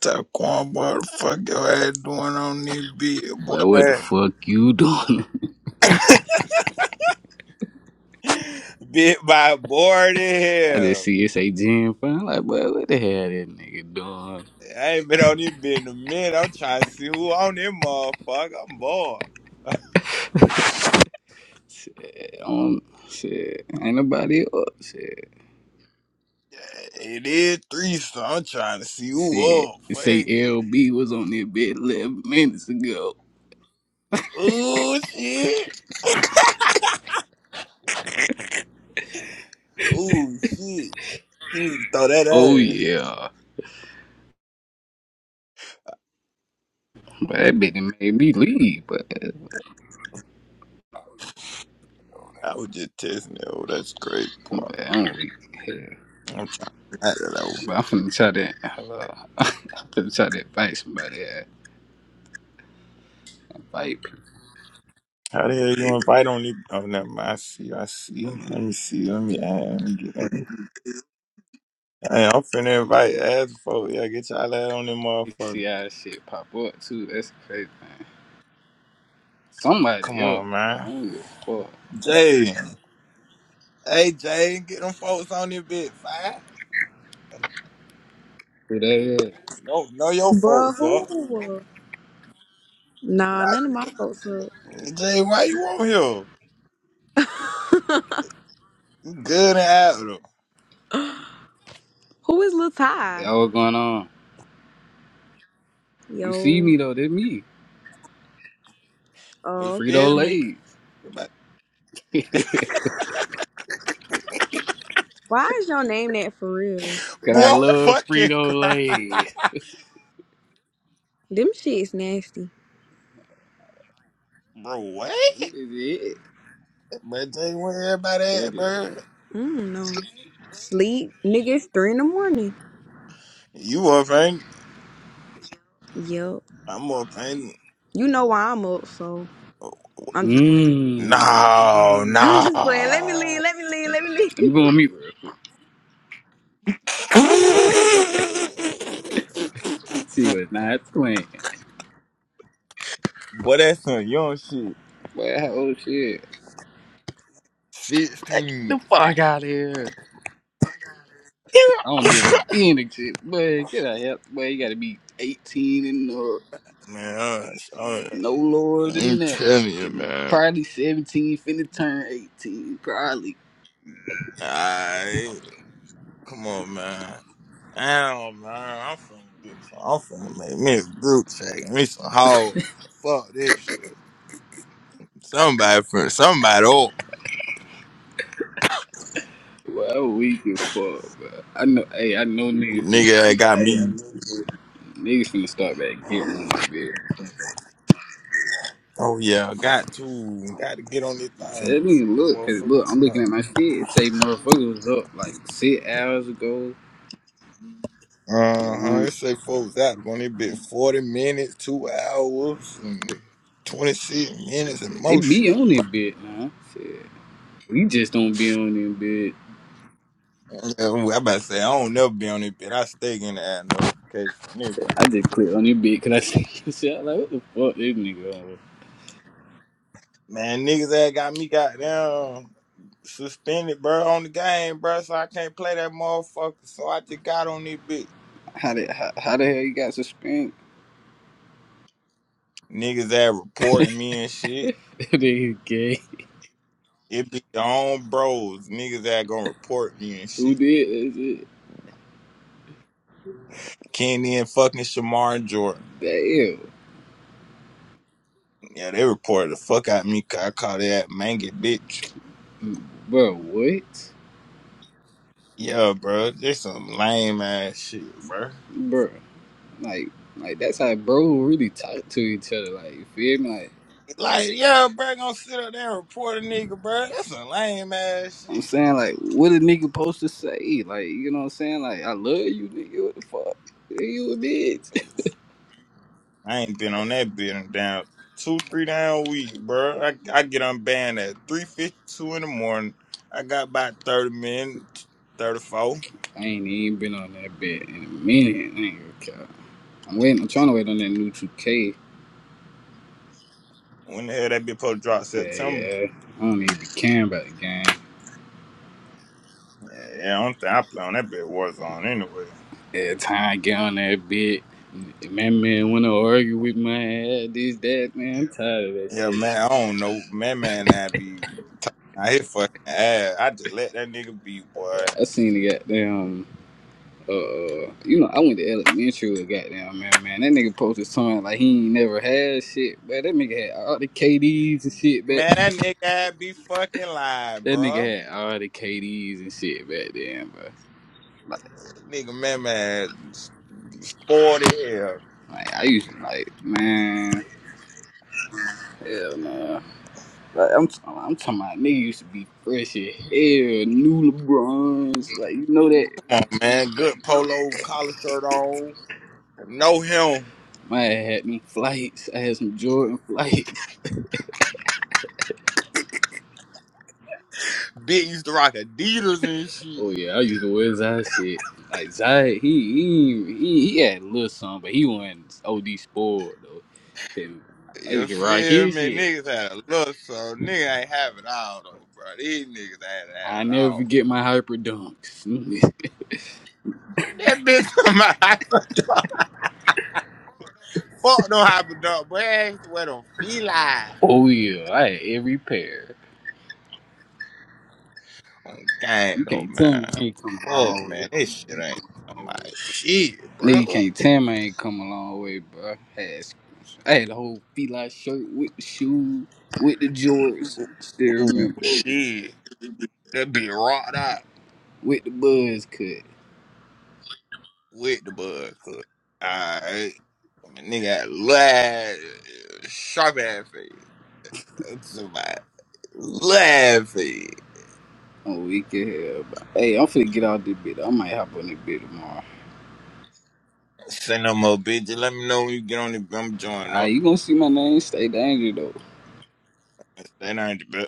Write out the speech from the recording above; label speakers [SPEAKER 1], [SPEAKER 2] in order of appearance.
[SPEAKER 1] Taquan, boy, the fuck your ass doing on this bitch,
[SPEAKER 2] Well, what the
[SPEAKER 1] boy?
[SPEAKER 2] fuck you doing?
[SPEAKER 1] Bit by board in
[SPEAKER 2] I just
[SPEAKER 1] here.
[SPEAKER 2] see it say Jim Fine. Like, boy, what the hell that nigga doing?
[SPEAKER 1] I ain't been on this bitch in a minute. I'm trying to see who on this motherfucker. I'm bored.
[SPEAKER 2] Um, shit, ain't nobody up. Shit,
[SPEAKER 1] Yeah, It is three, so I'm trying to see who
[SPEAKER 2] shit.
[SPEAKER 1] up. Fuck
[SPEAKER 2] Say
[SPEAKER 1] it.
[SPEAKER 2] LB was on that bed 11 minutes ago.
[SPEAKER 1] Ooh, shit. Ooh, shit. She need to throw that
[SPEAKER 2] Oh
[SPEAKER 1] ass.
[SPEAKER 2] yeah, but that bitch made me leave. But,
[SPEAKER 1] I was just testing it. Oh, that's great, boy.
[SPEAKER 2] but I don't really care.
[SPEAKER 1] I'm trying to that
[SPEAKER 2] But I'm finna try to hello. I'm finna try to invite somebody. uh, Invite people.
[SPEAKER 1] How the hell you invite only? Oh, never mind. I see. I see. Let me see. Let me add. Let me get. Let me, hey, I'm finna invite ass folk. Yeah, get y'all ass on them
[SPEAKER 2] You
[SPEAKER 1] motherfucker.
[SPEAKER 2] See how that shit pop up too. That's the crazy thing.
[SPEAKER 1] Come
[SPEAKER 2] Somebody up.
[SPEAKER 1] on,
[SPEAKER 2] But I
[SPEAKER 1] man.
[SPEAKER 2] don't give a fuck.
[SPEAKER 1] Jay. Hey, Jay. Get them folks on this bit. Five.
[SPEAKER 2] Who that is?
[SPEAKER 1] No, know your
[SPEAKER 3] Bruh,
[SPEAKER 1] folks up.
[SPEAKER 3] who? Nah,
[SPEAKER 1] Why,
[SPEAKER 3] none of my folks up.
[SPEAKER 1] Jay? Why you on here? You good and out though.
[SPEAKER 3] who is Lil
[SPEAKER 2] That
[SPEAKER 3] Ty?
[SPEAKER 2] was going on. You see
[SPEAKER 3] Yo.
[SPEAKER 2] me though, that's me.
[SPEAKER 3] Oh,
[SPEAKER 1] You
[SPEAKER 2] Frito
[SPEAKER 1] feel
[SPEAKER 3] okay.
[SPEAKER 1] me?
[SPEAKER 2] Lays.
[SPEAKER 1] You about-
[SPEAKER 3] Why is y'all name that for real?
[SPEAKER 2] Cause
[SPEAKER 1] Boy,
[SPEAKER 2] I
[SPEAKER 1] I'm
[SPEAKER 2] love
[SPEAKER 1] fucking
[SPEAKER 2] Frito
[SPEAKER 1] crying.
[SPEAKER 2] Lays.
[SPEAKER 3] Them shit's nasty.
[SPEAKER 1] bro, what?
[SPEAKER 2] This is it.
[SPEAKER 1] But Jay, where everybody at,
[SPEAKER 2] Said it.
[SPEAKER 1] bro?
[SPEAKER 3] I don't know. Sleep, nigga. It's three in the morning.
[SPEAKER 1] You up, ain't?
[SPEAKER 3] Yup.
[SPEAKER 1] I'm up, ain't?
[SPEAKER 3] You know why I'm up, so I'm just playing.
[SPEAKER 2] Mmm.
[SPEAKER 1] No,
[SPEAKER 3] I'm
[SPEAKER 1] no.
[SPEAKER 3] just playing. Let me leave. Let me leave. Let me leave.
[SPEAKER 2] Let me go on mute real quick. She was not playing.
[SPEAKER 1] Boy, that's some young shit.
[SPEAKER 2] Boy, how shit. Boy, Get
[SPEAKER 1] 16.
[SPEAKER 2] the fuck out of here. I don't even want to be in the shit. Boy, get out of here. Boy, you gotta be 18 and no,
[SPEAKER 1] Man, I'm sorry.
[SPEAKER 2] no lower than
[SPEAKER 1] I'm
[SPEAKER 2] that.
[SPEAKER 1] telling you,
[SPEAKER 2] And
[SPEAKER 1] man.
[SPEAKER 2] probably 17, finna turn 18. Probably.
[SPEAKER 1] Alright. Come on, man. Damn, man. I'm finna get some. I'm finna make me a group check. Me some hoe. Fuck this shit. Somebody, finna- somebody, old
[SPEAKER 2] Well, that weak as fuck, bro. I know, hey, I know niggas, fin-
[SPEAKER 1] Nigga, that got me.
[SPEAKER 2] niggas finna start back getting on that bed.
[SPEAKER 1] Oh yeah, got to, got to get on this thing.
[SPEAKER 2] Tell me,
[SPEAKER 1] See you
[SPEAKER 2] look, cause
[SPEAKER 1] motherfucker
[SPEAKER 2] look, I'm looking
[SPEAKER 1] tonight.
[SPEAKER 2] at my shit. It say motherfucker was up like six hours ago.
[SPEAKER 1] Uh huh. It
[SPEAKER 2] Um,
[SPEAKER 1] say folks out on it been forty minutes, two hours, and twenty six minutes and
[SPEAKER 2] they
[SPEAKER 1] most
[SPEAKER 2] be
[SPEAKER 1] shit.
[SPEAKER 2] on that bed now. Shit. We just don't be on that bed.
[SPEAKER 1] Yeah, i about to say I don't never be on it, but I stay in the ad notification.
[SPEAKER 2] Shit, I
[SPEAKER 1] Nigga.
[SPEAKER 2] just clicked on that bed cause I see shit. i like, what the fuck this nigga on? with?
[SPEAKER 1] Man, niggas that got me goddamn suspended, bro, on the game, bro, so I can't play that motherfucker. So I just got on this bitch.
[SPEAKER 2] How the, how, how the hell you got suspended?
[SPEAKER 1] Niggas that reporting me and shit.
[SPEAKER 2] They gay.
[SPEAKER 1] It be your own bros, niggas that gonna report me and
[SPEAKER 2] Who
[SPEAKER 1] shit.
[SPEAKER 2] did
[SPEAKER 1] Kenny and fucking Shamar and Jordan.
[SPEAKER 2] that shit?
[SPEAKER 1] Yeah, they reported the fuck out of me 'cause I called that mangy bitch.
[SPEAKER 2] Damn. Bro, what?
[SPEAKER 1] Yeah, bro, this some lame ass shit, bro.
[SPEAKER 2] Bro. Like, like that's how bro really talk to each other. Like, you feel me? Like,
[SPEAKER 1] Like, yeah, bro, gonna sit up there and report a nigga, bro. That's some lame ass
[SPEAKER 2] I'm
[SPEAKER 1] shit.
[SPEAKER 2] saying, like, what a nigga supposed to say? Like, you know what I'm saying? Like, I love you, nigga. What the fuck? Hey, You a bitch.
[SPEAKER 1] I ain't been on that bit in down two, three down week, bro. I, I get unbanned at three fifty two in the morning. I got about thirty minutes, thirty four.
[SPEAKER 2] I ain't even been on that bed in a minute. I ain't gonna care. I'm waiting. I'm trying to wait on that new 2K.
[SPEAKER 1] When the hell that bitch supposed to drop
[SPEAKER 2] Hell
[SPEAKER 1] September?
[SPEAKER 2] yeah. I don't even be caring about the game.
[SPEAKER 1] Yeah, I don't think I play on that bit Warzone anyway.
[SPEAKER 2] Every time I get on that bed, man, man, wanna argue with my ass. This, that, man. I'm tired of that
[SPEAKER 1] Yeah,
[SPEAKER 2] shit.
[SPEAKER 1] man, I don't know. Man, man, I be I hit fucking ass. I just let that nigga be, boy.
[SPEAKER 2] But I seen the goddamn. uh, you know, I went to elementary with goddamn man, man. That nigga posted something like he ain't never had shit, but that nigga had all the KDs and shit back.
[SPEAKER 1] Man, that nigga ass be fucking lying,
[SPEAKER 2] That
[SPEAKER 1] bro.
[SPEAKER 2] nigga had all the KDs and shit back then, but like,
[SPEAKER 1] That nigga, man, man, sporty hell.
[SPEAKER 2] like I used to like, man, hell nah. Like I'm, t- I'm talking about nigga used to be fresh as hell, new LeBrons, like you know that.
[SPEAKER 1] Come on, man. Good polo collar shirt on. Know him.
[SPEAKER 2] Man, I had them flights. I had some Jordan flights.
[SPEAKER 1] Bitch used to rock Adidas and shit.
[SPEAKER 2] Oh yeah, I used to wear Zai shit. Like Zai, he he he, he had a little something, but he wasn't OD spoiled though. And I
[SPEAKER 1] You
[SPEAKER 2] used to rock
[SPEAKER 1] feel
[SPEAKER 2] his
[SPEAKER 1] me?
[SPEAKER 2] shit.
[SPEAKER 1] Niggas had a look, so nigga ain't having all though, bro. These niggas ain't had
[SPEAKER 2] I
[SPEAKER 1] it
[SPEAKER 2] never
[SPEAKER 1] all.
[SPEAKER 2] forget my hyper dunks.
[SPEAKER 1] That bitch on my hyperdog. Fuck no hyperdog, boy. That shit went on feline.
[SPEAKER 2] oh yeah, I had every pair.
[SPEAKER 1] On gang
[SPEAKER 2] You
[SPEAKER 1] though,
[SPEAKER 2] can't tell
[SPEAKER 1] man.
[SPEAKER 2] me I ain't come a
[SPEAKER 1] Fuck
[SPEAKER 2] long way.
[SPEAKER 1] man, this shit ain't. I'm like, shit,
[SPEAKER 2] Nigga you
[SPEAKER 1] bro.
[SPEAKER 2] can't tell me I ain't come a long way, bro. I had, I had a whole feline shirt with the shoes, with the jorts. Still
[SPEAKER 1] Ooh,
[SPEAKER 2] remember that.
[SPEAKER 1] shit. That bitch rocked out
[SPEAKER 2] With the buzz cut.
[SPEAKER 1] with the bud cut. Alright. I mean, nigga had laugh, sharp ass face. That's about laughing.
[SPEAKER 2] I'm weak as hell. But hey, I'm finna get out this bit. I might hop on this bit tomorrow.
[SPEAKER 1] Say no more, bitch. Just Let me know when you get on the. I'm joining
[SPEAKER 2] Ah,
[SPEAKER 1] up.
[SPEAKER 2] you gonna see my name stay dangerous though.
[SPEAKER 1] Say no,